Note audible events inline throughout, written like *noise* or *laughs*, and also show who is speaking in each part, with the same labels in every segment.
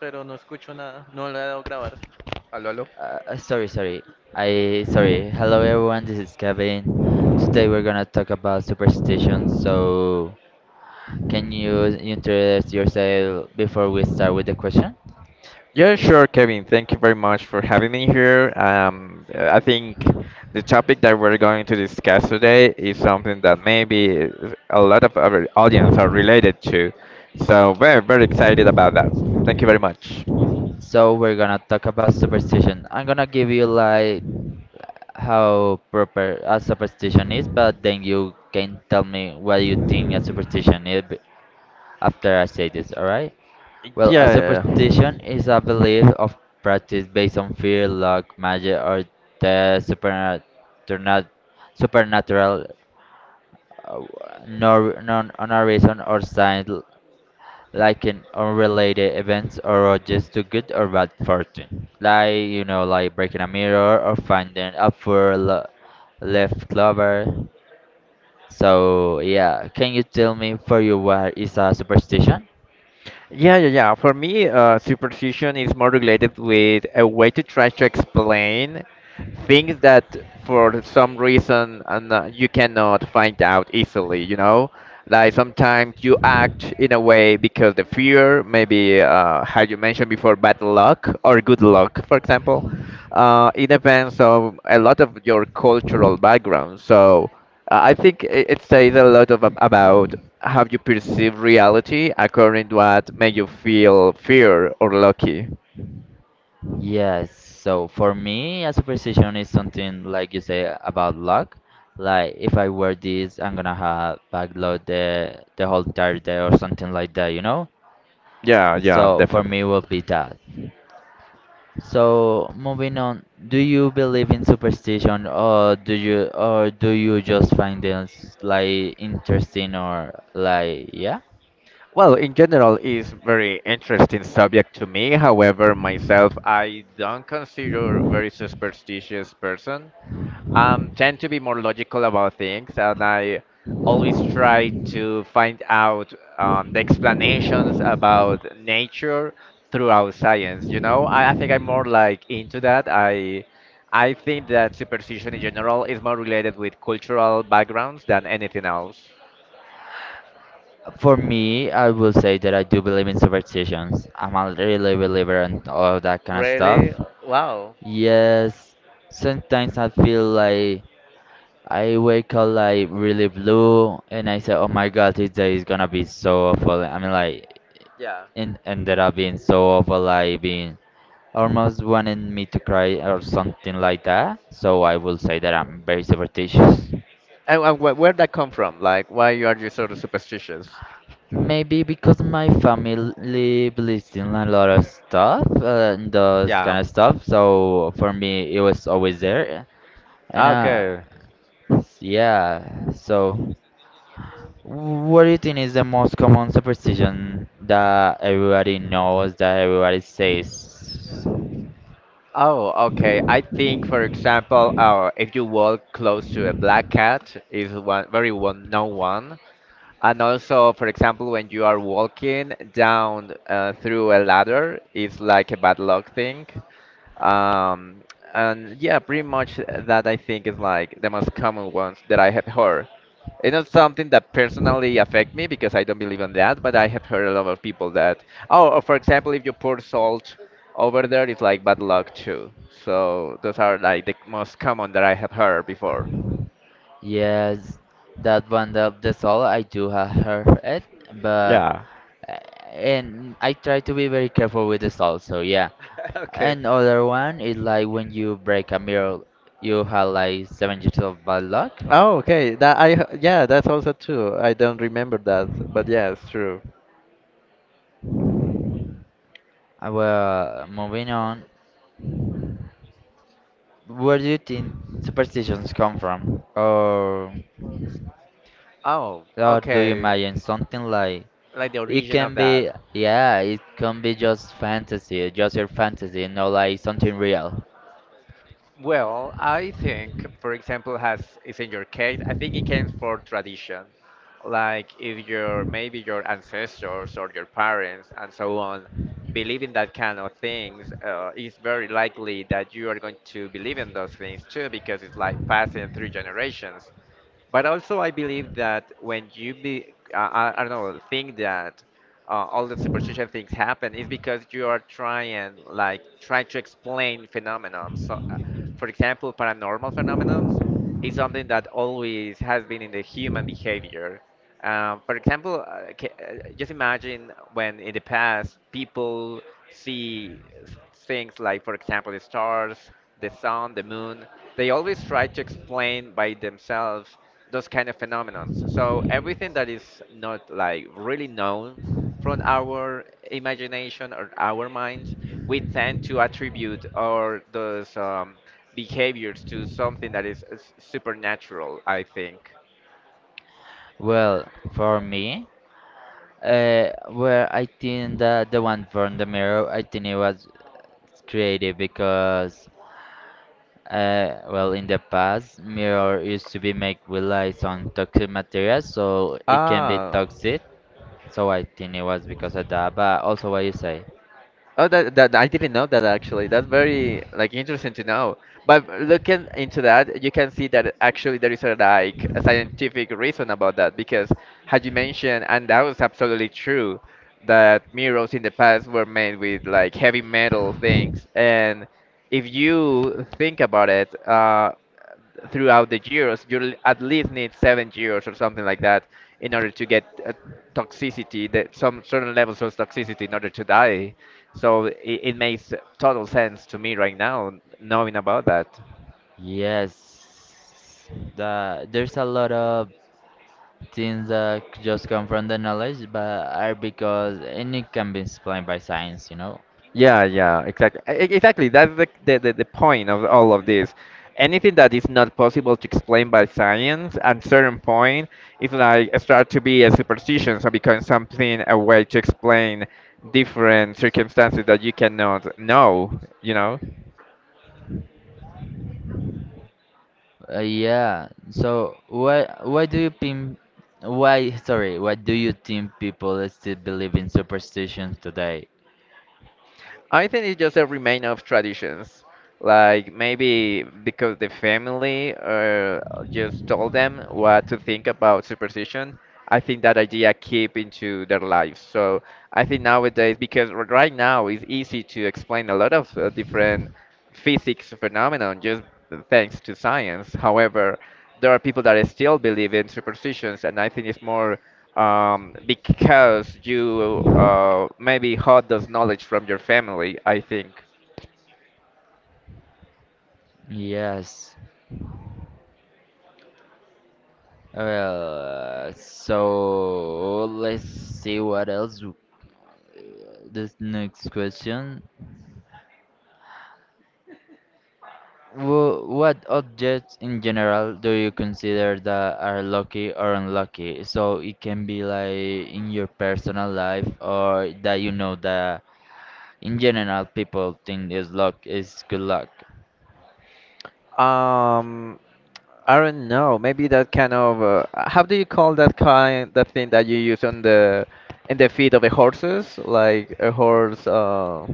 Speaker 1: Pero no escucho nada. No le he dado grabar. Aló, aló.
Speaker 2: Uh, uh, sorry, sorry. Sorry. Hello everyone, this is Kevin. Today we're gonna talk about superstitions. So, can you introduce yourself before we start with the question?
Speaker 1: Yeah, sure, Kevin. Thank you very much for having me here. I think the topic that we're going to discuss today is something that maybe a lot of our audience are related to. So, very, very excited about that. Thank you very much.
Speaker 2: So we're gonna talk about superstition. I'm gonna give you like how proper a superstition is, but then you can tell me what you think a superstition is after I say this. All right? Well, a
Speaker 1: Yeah.
Speaker 2: superstition is a belief of practice based on fear, luck, magic, or the supernatural, supernatural, uh, nor, non, on a reason or sign like in unrelated events or just to good or bad fortune. Like you know, like breaking a mirror or finding a poor left clover. So yeah, can you tell me for you what is a superstition?
Speaker 1: Yeah, yeah, yeah. For me, superstition is more related with a way to try to explain things that for some reason and you cannot find out easily, you know? Like sometimes you act in a way because the fear, maybe how you mentioned before, bad luck or good luck, for example. It depends on a lot of your cultural background. So I think I- it says a lot of about how you perceive reality according to what made you feel fear or lucky.
Speaker 2: Yes, so for me, a superstition is something like you say about luck. Like if I wear this, I'm gonna have bad luck the whole entire day or something like that, you know?
Speaker 1: Yeah, yeah,
Speaker 2: So for
Speaker 1: definitely.
Speaker 2: me, will be that. So moving on, do you believe in superstition or do you just find this like interesting or like yeah?
Speaker 1: Well, in general, it's very interesting subject to me. However, myself, I don't consider very superstitious person. Tend to be more logical about things, and I always try to find out the explanations about nature throughout science. You know, I think I'm more like into that. I think that superstition in general is more related with cultural backgrounds than anything else.
Speaker 2: For me, I will say that I do believe in superstitions. I'm a really believer in all that kind of
Speaker 1: Really?
Speaker 2: stuff.
Speaker 1: Wow.
Speaker 2: Yes, sometimes I feel like I wake up like really blue and I say, oh my god, this day is gonna be so awful. I mean, like,
Speaker 1: Yeah.
Speaker 2: it ended up being so awful, like, being almost wanting me to cry or something like that. So I will say that I'm very superstitious.
Speaker 1: And wh where that come from? Like, why are you sort of superstitious?
Speaker 2: Maybe because my family believes in a lot of stuff, and those
Speaker 1: Yeah.
Speaker 2: kind of stuff. So for me, it was always there. And
Speaker 1: Okay.
Speaker 2: Yeah. So, what do you think is the most common superstition that everybody knows that everybody says?
Speaker 1: Oh, okay. I think, for example, if you walk close to a black cat, is one very one known one. And also, for example, when you are walking down through a ladder, it's like a bad luck thing. Um, and yeah, pretty much that I think is like the most common ones that I have heard. It's not something that personally affect me because I don't believe in that, but I have heard a lot of people that, oh, or for example, if you pour salt over there, it's like bad luck too. So those are like the most common that I have heard before.
Speaker 2: Yes, that one of the soul. I do have heard it, but
Speaker 1: Yeah. *laughs*
Speaker 2: eh, and I try to be very careful with the soul. So yeah.
Speaker 1: Okay.
Speaker 2: And other one is like when you break a mirror, you have like 7 years of bad luck.
Speaker 1: Oh, okay. Yeah, that's also true. I don't remember that, but yeah, it's true.
Speaker 2: Well, moving on. Where do you think superstitions come from? Or
Speaker 1: Oh,
Speaker 2: Or do you
Speaker 1: okay.
Speaker 2: imagine something like
Speaker 1: Like the
Speaker 2: it
Speaker 1: origin of
Speaker 2: can
Speaker 1: that.
Speaker 2: be, yeah, it can be just fantasy, just your fantasy, not like something real.
Speaker 1: Well, I think, for example, has is in your case, I think it came for tradition. Like if your maybe your ancestors or your parents and so on believe in that kind of things, it's very likely that you are going to believe in those things too because it's like passing through generations. But also, I believe that when you be, I don't know, think that all the superstition things happen is because you are trying, like, trying to explain phenomenon. So, for example, paranormal phenomenons is something that always has been in the human behavior. For example, just imagine when in the past people see things like, for example, the stars, the sun, the moon. They always try to explain by themselves those kind of phenomena. So everything that is not like really known from our imagination or our minds, we tend to attribute or those behaviors to something that is supernatural. I think.
Speaker 2: Well, for me, well, I think that the one from the mirror, I think it was creative because, well, in the past, mirror used to be made with like some toxic materials, so it can be
Speaker 1: Ah,
Speaker 2: toxic. So I think it was because of that. But also, what you say?
Speaker 1: oh, that I didn't know that actually. That's very like interesting to know. But looking into that, you can see that actually there is a like a scientific reason about that because, as you mentioned, and that was absolutely true, that mirrors in the past were made with like heavy metal things, and if you think about it, throughout the years, you'll at least need 7 years or something like that in order to get toxicity, that some certain levels of toxicity in order to die. So it makes total sense to me right now knowing about that.
Speaker 2: Yes, there's a lot of things that just come from the knowledge, but are because and it can be explained by science, you know.
Speaker 1: Yeah, yeah, exactly. Exactly. That's the point of all of this. Anything that is not possible to explain by science at certain point is like start to be a superstition, so become something a way to explain different circumstances that you cannot know, you know?
Speaker 2: Yeah. So why do you think why do you think people still believe in superstitions today?
Speaker 1: I think it's just a remain of traditions. Like maybe because the family just told them what to think about superstition. I think that idea keep into their lives. So I think nowadays, because right now it's easy to explain a lot of different physics phenomenon just thanks to science. However, there are people that still believe in superstitions, and I think it's more because you maybe had those knowledge from your family, I think.
Speaker 2: Yes. Well, so let's see what else. This next question. What objects in general do you consider that are lucky or unlucky? So it can be like in your personal life or that you know that in general people think is luck is good luck.
Speaker 1: Um, I don't know. Maybe that kind of how do you call that kind that thing that you use on the in the feet of the horses? Like a horse. Uh,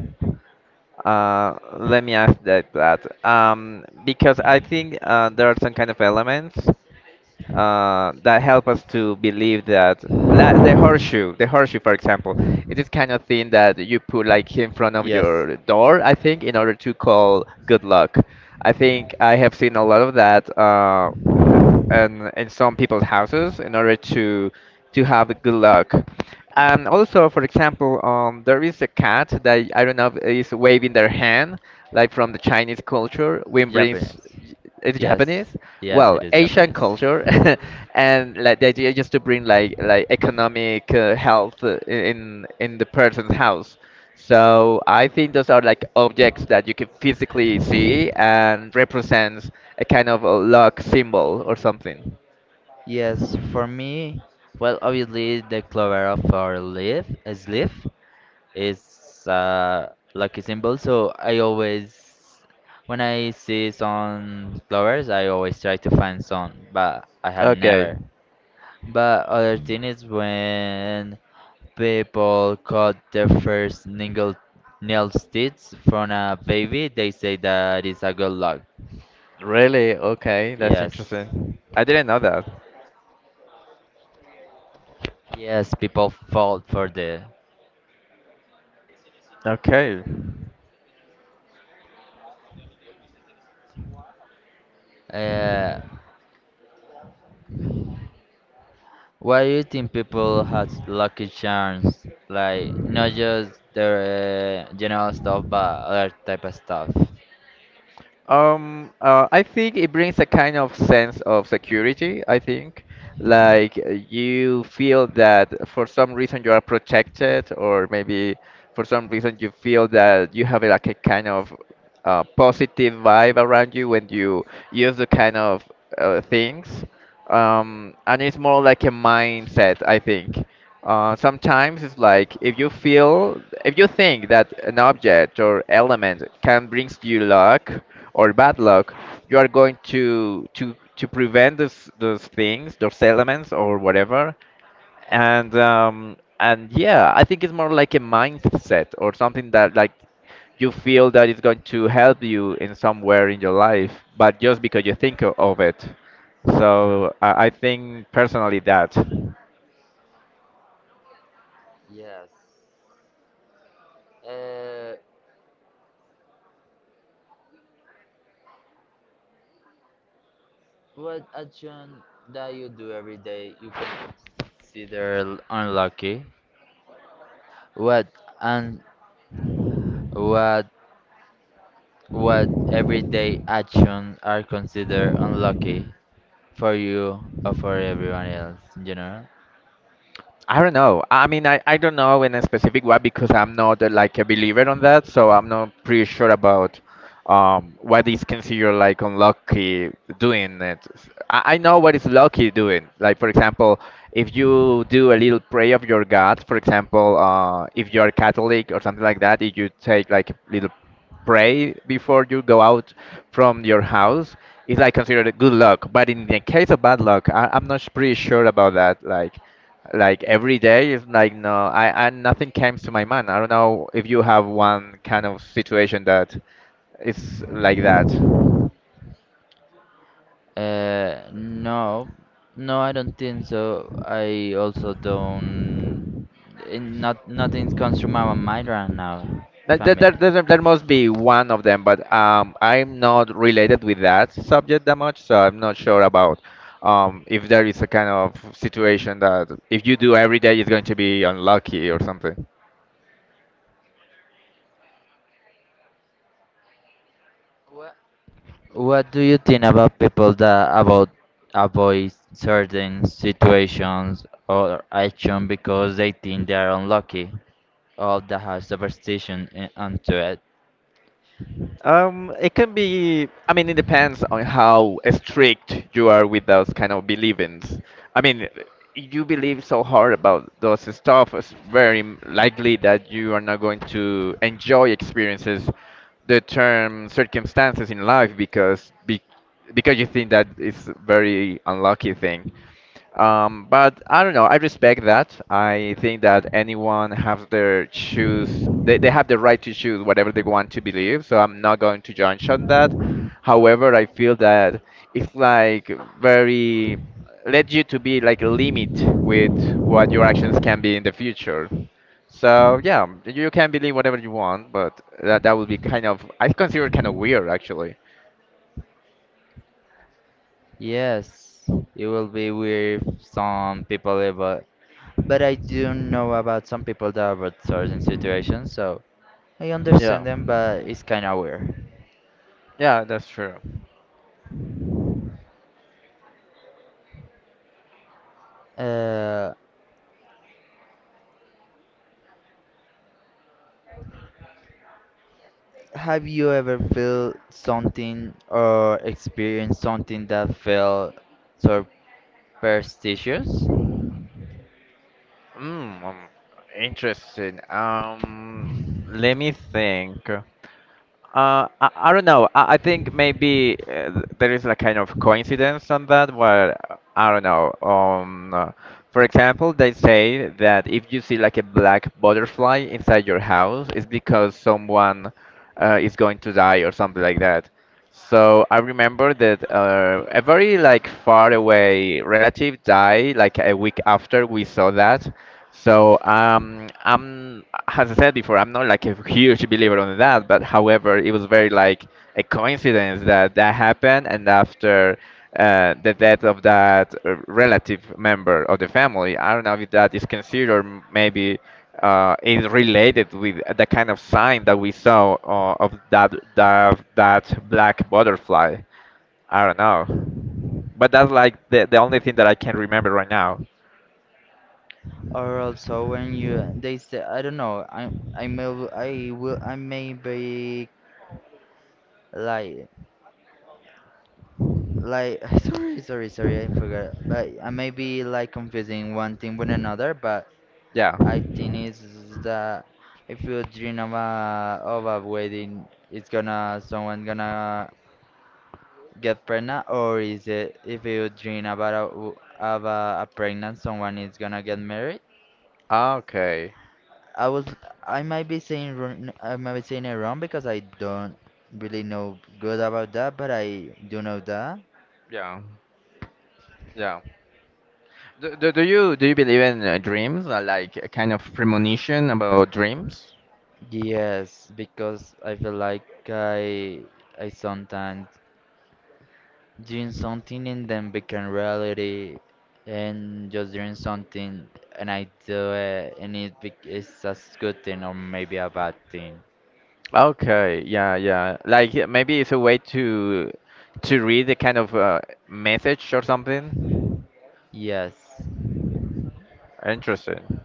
Speaker 1: uh, Let me ask that. Because I think there are some kind of elements that help us to believe that the horseshoe, for example, it is kind of thing that you put like in front of
Speaker 2: Yes,
Speaker 1: your door, I think, in order to call good luck. I think I have seen a lot of that uh, in some people's houses in order to have good luck. And also, for example, there is a cat that I don't know is waving their hand, like from the Chinese culture, which brings
Speaker 2: Japanese.
Speaker 1: it's
Speaker 2: Yes,
Speaker 1: Japanese.
Speaker 2: yes,
Speaker 1: Well,
Speaker 2: it is
Speaker 1: Asian
Speaker 2: Japanese.
Speaker 1: culture, *laughs* and like the idea just to bring like economic health in the person's house. So I think those are like objects that you can physically see and represents a kind of a luck symbol or something.
Speaker 2: Yes, for me, well, obviously the clover of our leaf, a leaf is a lucky symbol. So I always, when I see some flowers, I always try to find some, but I had
Speaker 1: Okay,
Speaker 2: never. But other thing is when people cut their first ningle nail stitch from a baby, they say that is a good luck.
Speaker 1: really? Okay, that's
Speaker 2: Yes,
Speaker 1: interesting. I didn't know that.
Speaker 2: yes, people fall for the.
Speaker 1: Okay.
Speaker 2: Uh, Why do you think people have lucky charms? Like not just their general stuff, but other type of stuff.
Speaker 1: I think it brings a kind of sense of security, I think. Like you feel that for some reason you are protected, or maybe for some reason you feel that you have like a kind of positive vibe around you when you use the kind of things. And it's more like a mindset, I think. Sometimes it's like if you feel, if you think that an object or element can brings you luck or bad luck, you are going to prevent those things, those elements or whatever. And and yeah, I think it's more like a mindset or something that like you feel that it's going to help you in somewhere in your life, but just because you think of it. So I think personally that.
Speaker 2: Yes. Uh, what action that you do every day you can consider unlucky. What and what what everyday action are considered unlucky for you or for everyone else in general?
Speaker 1: I don't know. I mean, I don't know in a specific way because I'm not like a believer on that, so I'm not pretty sure about what is considered like unlucky doing it. I know what is lucky doing. Like for example, if you do a little prayer of your God, for example, if you are Catholic or something like that, if you take like a little pray before you go out from your house, it's like considered a good luck. But in the case of bad luck, I'm not pretty sure about that. Like every day is like no I nothing comes to my mind. I don't know if you have one kind of situation that is like that
Speaker 2: No, no, I don't think so. I also don't. Not nothing comes to my mind right now. If
Speaker 1: that,
Speaker 2: I'm
Speaker 1: that,
Speaker 2: being
Speaker 1: that,
Speaker 2: it.
Speaker 1: that, that must be one of them but I'm not related with that subject that much so I'm not sure about if there is a kind of situation that if you do every day it's going to be unlucky or something.
Speaker 2: What do you think about people that about avoid certain situations or action because they think they are unlucky or that have superstition in, onto it?
Speaker 1: It can be, I mean, it depends on how strict you are with those kind of beliefs. I mean, you believe so hard about those stuff, it's very likely that you are not going to enjoy experiences, the term circumstances in life because be, because you think that it's very unlucky thing. But I don't know. I respect that. I think that anyone have their choose. They have the right to choose whatever they want to believe. So I'm not going to judge on that. However, I feel that it's like very led you to be like a limit with what your actions can be in the future. So yeah, you can believe whatever you want, but that would be kind of I consider it kind of weird actually.
Speaker 2: Yes, it will be weird if some people ever. But I do know about some people that avoid certain situations, so. I
Speaker 1: Yeah,
Speaker 2: understand them, but it's kind of weird.
Speaker 1: yeah, that's true.
Speaker 2: Uh, have you ever felt something or experienced something that felt superstitious?
Speaker 1: Mm, um, Interesting. Let me think. I don't know. I think maybe there is a kind of coincidence on that. Well, I don't know. For example, they say that if you see like a black butterfly inside your house, it's because someone is going to die or something like that. So I remember that a very like far away relative died like a week after we saw that. So as I said before, I'm not like a huge believer on that. But however, it was very like a coincidence that that happened, and after the death of that relative member of the family, I don't know if that is considered maybe is related with the kind of sign that we saw of that that black butterfly. I don't know, but that's like the only thing that I can remember right now.
Speaker 2: Or also when you they say I don't know I may be like like *laughs* sorry, I forgot but I may be like confusing one thing with another but
Speaker 1: Yeah.
Speaker 2: I think is that if you dream of a wedding, it's gonna someone gonna get pregnant, or is it if you dream about a pregnant, someone is gonna get married?
Speaker 1: Okay.
Speaker 2: I was I might be saying wrong- I might be saying it wrong because I don't really know good about that, but I do know that.
Speaker 1: Yeah. Yeah. Do, do, do you believe in dreams, like a kind of premonition about dreams?
Speaker 2: Yes, because I feel like I sometimes dream something and then become reality, and just dream something and I do it, and it it's a good thing or maybe a bad thing.
Speaker 1: Okay. Yeah. Yeah. Like maybe it's a way to read a kind of message or something.
Speaker 2: Yes,
Speaker 1: Interesting.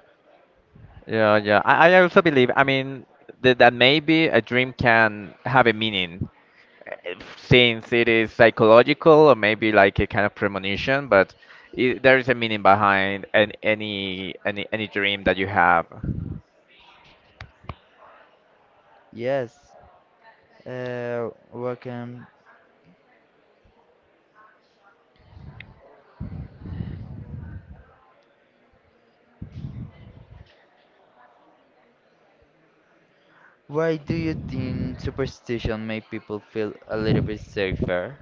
Speaker 1: Yeah, yeah. I also believe, I mean, that maybe a dream can have a meaning since it is psychological or maybe like a kind of premonition, but I there is a meaning behind an, any dream that you have.
Speaker 2: yes. Welcome. Why do you think superstition make people feel a little bit safer?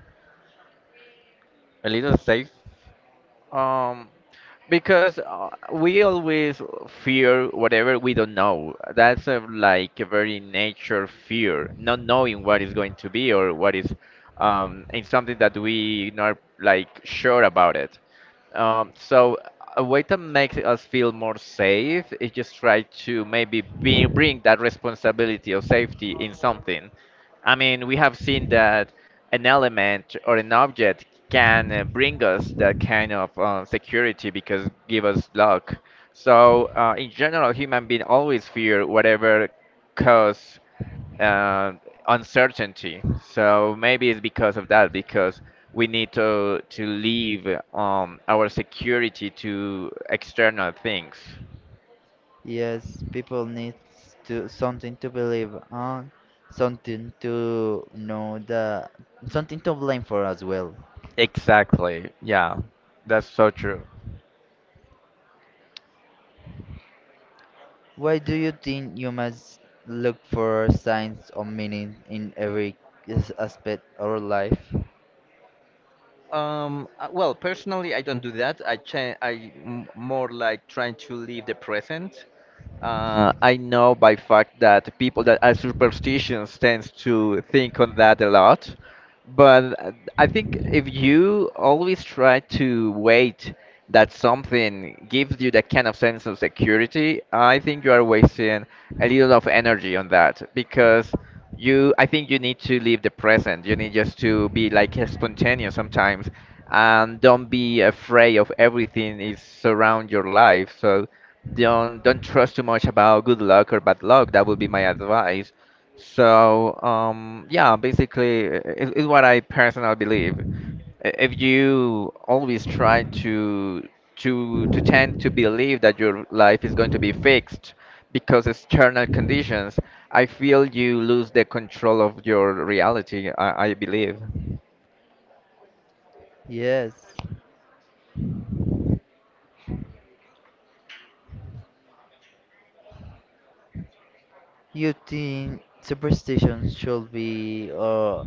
Speaker 1: A little safe. Um, because we always fear whatever we don't know. That's like a very nature fear, not knowing what is going to be or what is in something that we not like sure about it. So a way to make us feel more safe is just try to maybe bring that responsibility of safety in something. I mean, we have seen that an element or an object can bring us that kind of security because give us luck. So in general, human being always fear whatever cause uh, uncertainty. So maybe it's because of that, because we need to leave our security to external things.
Speaker 2: Yes, people need to something to believe on, something to know that, something to blame for as well.
Speaker 1: Exactly. Yeah, that's so true.
Speaker 2: Why do you think humans look for signs of meaning in every aspect of our life?
Speaker 1: Well, personally, I don't do that. I cha- I m- More like trying to live the present. I know by fact that people that are superstitious tends to think on that a lot, but I think if you always try to wait that something gives you that kind of sense of security, I think you are wasting a little of energy on that because I think you need to live the present. You need just to be like spontaneous sometimes and don't be afraid of everything is around your life. So don't trust too much about good luck or bad luck. That would be my advice. So yeah, basically, it's what I personally believe. If you always try to tend to believe that your life is going to be fixed because external conditions, I feel you lose the control of your reality. I believe.
Speaker 2: Yes. You think superstition should be or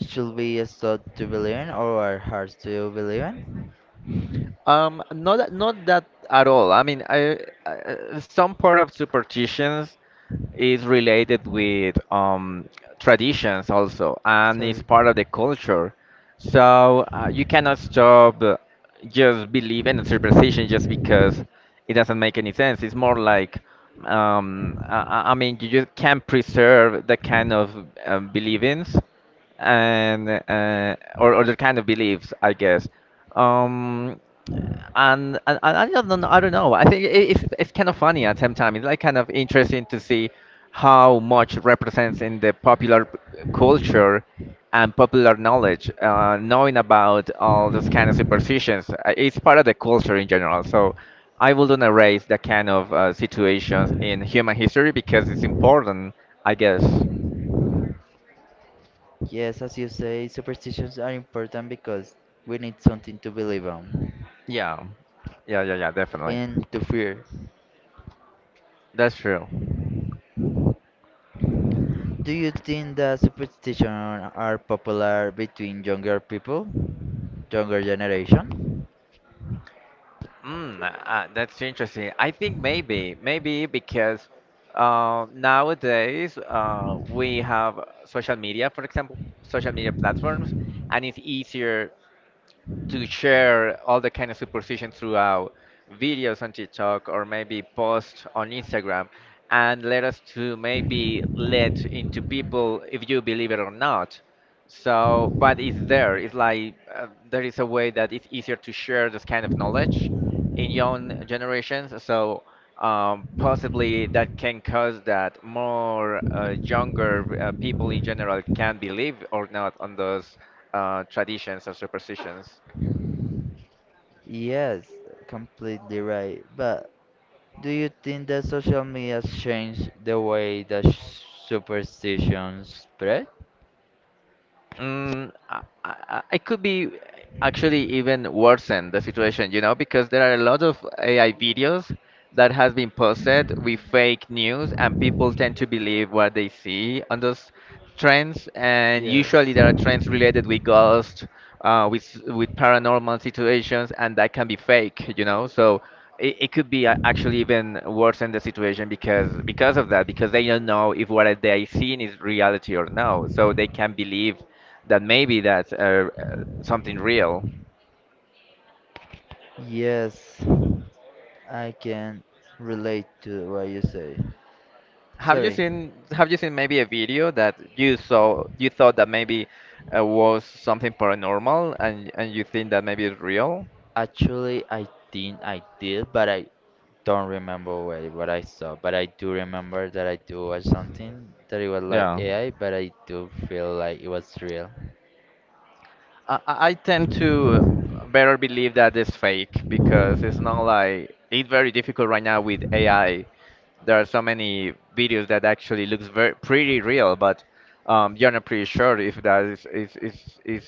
Speaker 2: should be a thought to believe in or are hard to believe in?
Speaker 1: Not that at all. I mean, I some part of superstitions is related with traditions also, and it's
Speaker 2: Sorry.
Speaker 1: part of the culture. So you cannot stop just believing in superstition just because it doesn't make any sense. It's more like, I mean, you just can't preserve the kind of believings and or the kind of beliefs, I guess. Um, and I don't know. I don't know. I think it's kind of funny at the same time. It's like kind of interesting to see how much represents in the popular culture and popular knowledge, knowing about all those kind of superstitions. It's part of the culture in general. So I wouldn't erase that kind of situations in human history because it's important, I guess.
Speaker 2: Yes, as you say, superstitions are important because we need something to believe on
Speaker 1: Yeah, yeah, yeah, yeah. Definitely.
Speaker 2: and to fear.
Speaker 1: That's true.
Speaker 2: Do you think that superstitions are popular between younger people? Younger generation?
Speaker 1: That's interesting. I think maybe because nowadays we have social media, for example, social media platforms, and it's easier to share all the kind of superstition throughout videos on TikTok or maybe post on Instagram and let us to maybe let into people if you believe it or not. So, but it's there. It's like there is a way that it's easier to share this kind of knowledge in young generations. So, possibly that can cause that more younger people in general can believe or not on those traditions or superstitions.
Speaker 2: Yes, completely right. But do you think that social media has changed the way that superstitions spread?
Speaker 1: Mm, I, I, it could be actually even worsen the situation, you know, because there are a lot of AI videos that has been posted with fake news, and people tend to believe what they see on those trends. And
Speaker 2: Yes.
Speaker 1: usually there are trends related with ghosts, with paranormal situations, and that can be fake, you know. So it could be actually even worse in the situation because of that because they don't know if what they seen is reality or no, so they can believe that maybe that's uh, something real.
Speaker 2: Yes, I can relate to what you say. Sorry.
Speaker 1: Have you seen maybe a video that you saw you thought that maybe was something paranormal and you think that maybe it's real?
Speaker 2: Actually, I think I did, but I don't remember where, what I saw. But I do remember that I do watch something that it was like
Speaker 1: Yeah.
Speaker 2: AI, but I do feel like it was real.
Speaker 1: I tend to better believe that it's fake because it's not like it's very difficult right now with AI there are so many videos that actually looks very pretty real, but you're not pretty sure if that is,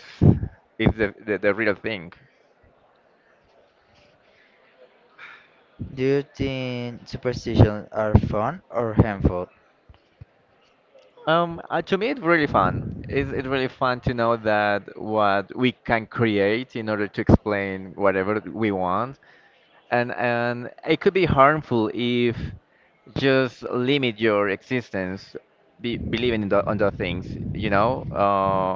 Speaker 1: is the real thing.
Speaker 2: Do you think superstitions are fun or harmful?
Speaker 1: To me, it's really fun. It's really fun to know that what we can create in order to explain whatever we want, and it could be harmful if just limit your existence believing in the things you know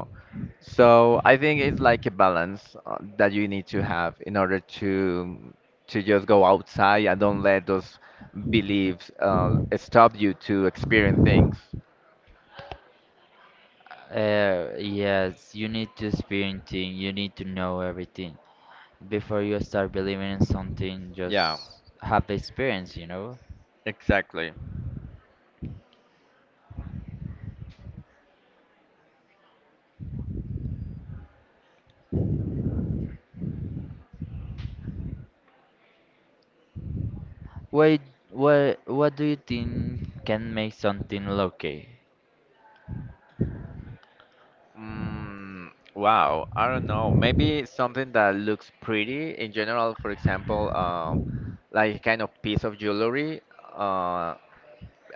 Speaker 1: so I think it's like a balance that you need to have in order to just go outside and don't let those beliefs stop you to experience things.
Speaker 2: Yes, you need to experience things, you need to know everything. Before you start believing in something,
Speaker 1: Yeah,
Speaker 2: just have the experience, you know?
Speaker 1: exactly.
Speaker 2: Why, what do you think can make something low key?
Speaker 1: Wow, I don't know. Maybe something that looks pretty in general, for example, like a kind of piece of jewelry. Uh,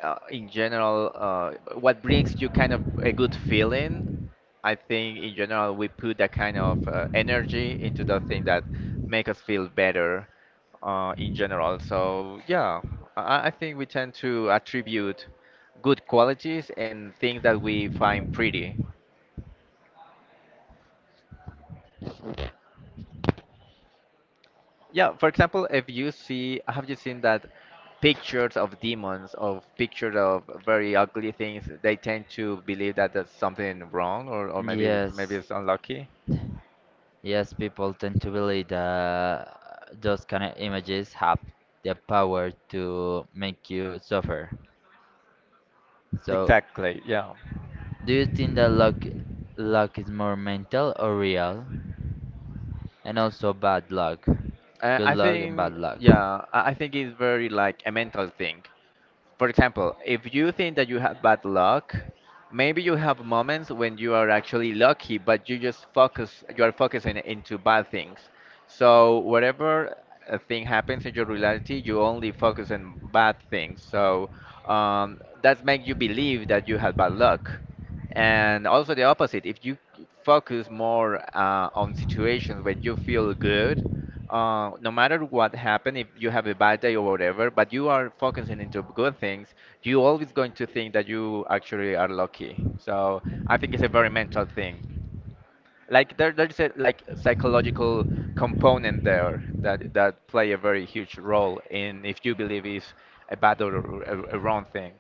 Speaker 1: in general, what brings you kind of a good feeling? I think in general we put that kind of energy into the thing that make us feel better in general. So yeah, I think we tend to attribute good qualities and things that we find pretty. Yeah, for example, if you see, have you seen that pictures of demons, of pictures of very ugly things, they tend to believe that there's something wrong or maybe maybe
Speaker 2: Yes,
Speaker 1: it's unlucky.
Speaker 2: yes, people tend to believe that those kind of images have the power to make you suffer. So,
Speaker 1: Exactly, yeah.
Speaker 2: do you think that luck is more mental or real? And also bad luck, good
Speaker 1: I
Speaker 2: luck and bad
Speaker 1: think,
Speaker 2: luck.
Speaker 1: yeah, I think it's very like a mental thing. For example, if you think that you have bad luck, maybe you have moments when you are actually lucky, but you just focus, you are focusing into bad things. So whatever a thing happens in your reality, you only focus on bad things. So that makes you believe that you had bad luck. And also the opposite, if you focus more on situations when you feel good, no matter what happened, if you have a bad day or whatever, but you are focusing into good things, you always going to think that you actually are lucky. So I think it's a very mental thing. Like there's a like psychological component there that play a very huge role in if you believe is a bad or a wrong thing.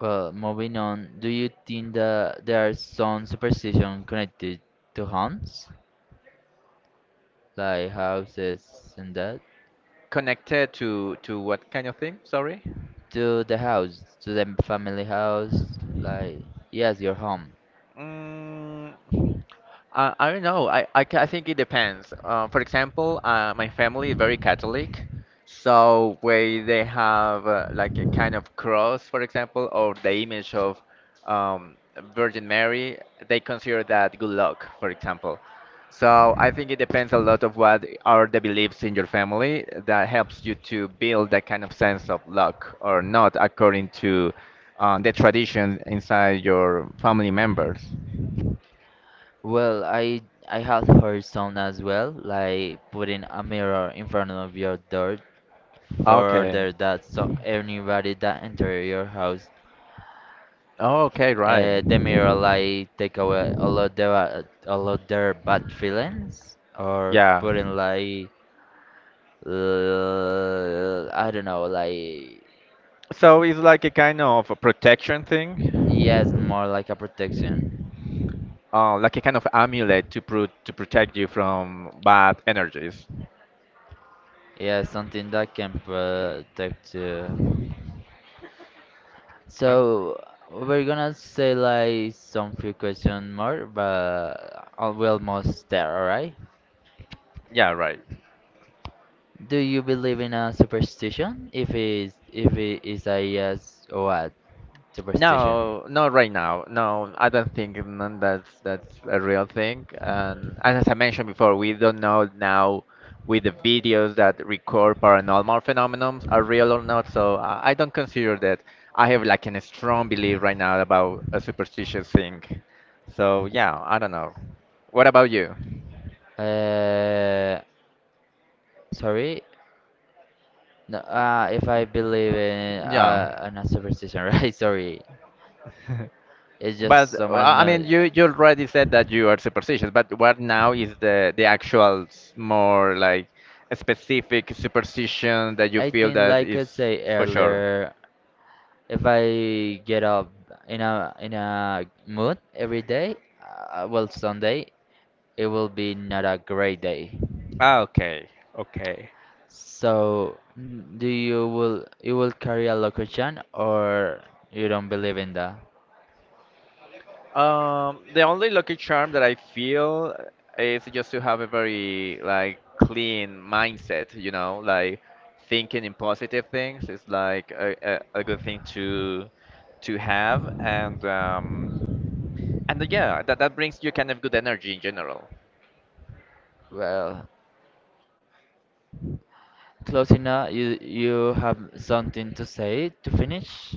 Speaker 2: Well, moving on, do you think that there are some superstition connected to haunts, like houses and that?
Speaker 1: Connected to what kind of thing? Sorry.
Speaker 2: To the house, to the family house, like yes, your home.
Speaker 1: Mm, I, don't know. I, ca- I think it depends. For example, my family is very Catholic, so where they have like a kind of cross, for example, or the image of um, Virgin Mary, they consider that good luck, for example. So I think it depends a lot of what are the beliefs in your family that helps you to build that kind of sense of luck or not according to the tradition inside your family members.
Speaker 2: Well, I have heard some as well, like putting a mirror in front of your door for
Speaker 1: Okay.
Speaker 2: order that so anybody that enter your house,
Speaker 1: Oh, okay, right.
Speaker 2: the mirror like take away all of their all of their bad feelings or
Speaker 1: Yeah.
Speaker 2: putting like I don't know, like
Speaker 1: So it's like a kind of a protection thing,
Speaker 2: yes, more like a protection.
Speaker 1: like a kind of amulet to pro to protect you from bad energies.
Speaker 2: Yeah, something that can protect you.
Speaker 1: Uh,
Speaker 2: So we're gonna say like some few question more, but we're almost there. Alright.
Speaker 1: yeah, right.
Speaker 2: Do you believe in a superstition? If it's if it is a yes or what superstition?
Speaker 1: No, not right now. No, I don't think that's a real thing. And as I mentioned before, we don't know now with the videos that record paranormal phenomena are real or not. So I don't consider that. I have like a strong belief right now about a superstitious thing. So yeah, I don't know. What about you?
Speaker 2: Uh, sorry. No, if I believe
Speaker 1: Yeah.
Speaker 2: in a superstition, *laughs* right? Sorry.
Speaker 1: *laughs*
Speaker 2: It's
Speaker 1: But
Speaker 2: just so much
Speaker 1: I
Speaker 2: no.
Speaker 1: mean, you already said that you are superstitious, but what now is the actual more like a specific superstition that you
Speaker 2: I
Speaker 1: feel
Speaker 2: think,
Speaker 1: that
Speaker 2: like I
Speaker 1: is
Speaker 2: say
Speaker 1: for sure?
Speaker 2: earlier, if I get up in a mood every day, well, Sunday, it will be not a great day.
Speaker 1: Ah, okay, okay.
Speaker 2: So, do you will carry a location or you don't believe in that?
Speaker 1: The only lucky charm that I feel is just to have a very like clean mindset, you know, like thinking in positive things is like a good thing to have, and yeah, that brings you kind of good energy in general.
Speaker 2: Well, Closina, you have something to say to finish?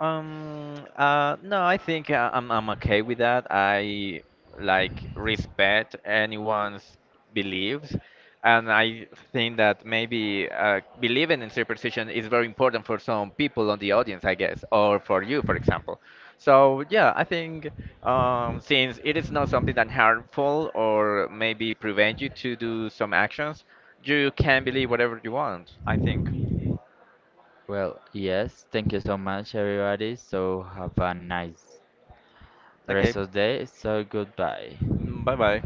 Speaker 1: No, I think I'm okay with that. I like respect anyone's beliefs, and I think that maybe believing in superstition is very important for some people on the audience, I guess, or for you, for example. So yeah, I think since it is not something that harmful or maybe prevent you to do some actions, you can believe whatever you want, I think.
Speaker 2: Well, yes. Thank you so much, everybody. So have a nice
Speaker 1: Okay,
Speaker 2: rest of the day. So goodbye.
Speaker 1: bye bye.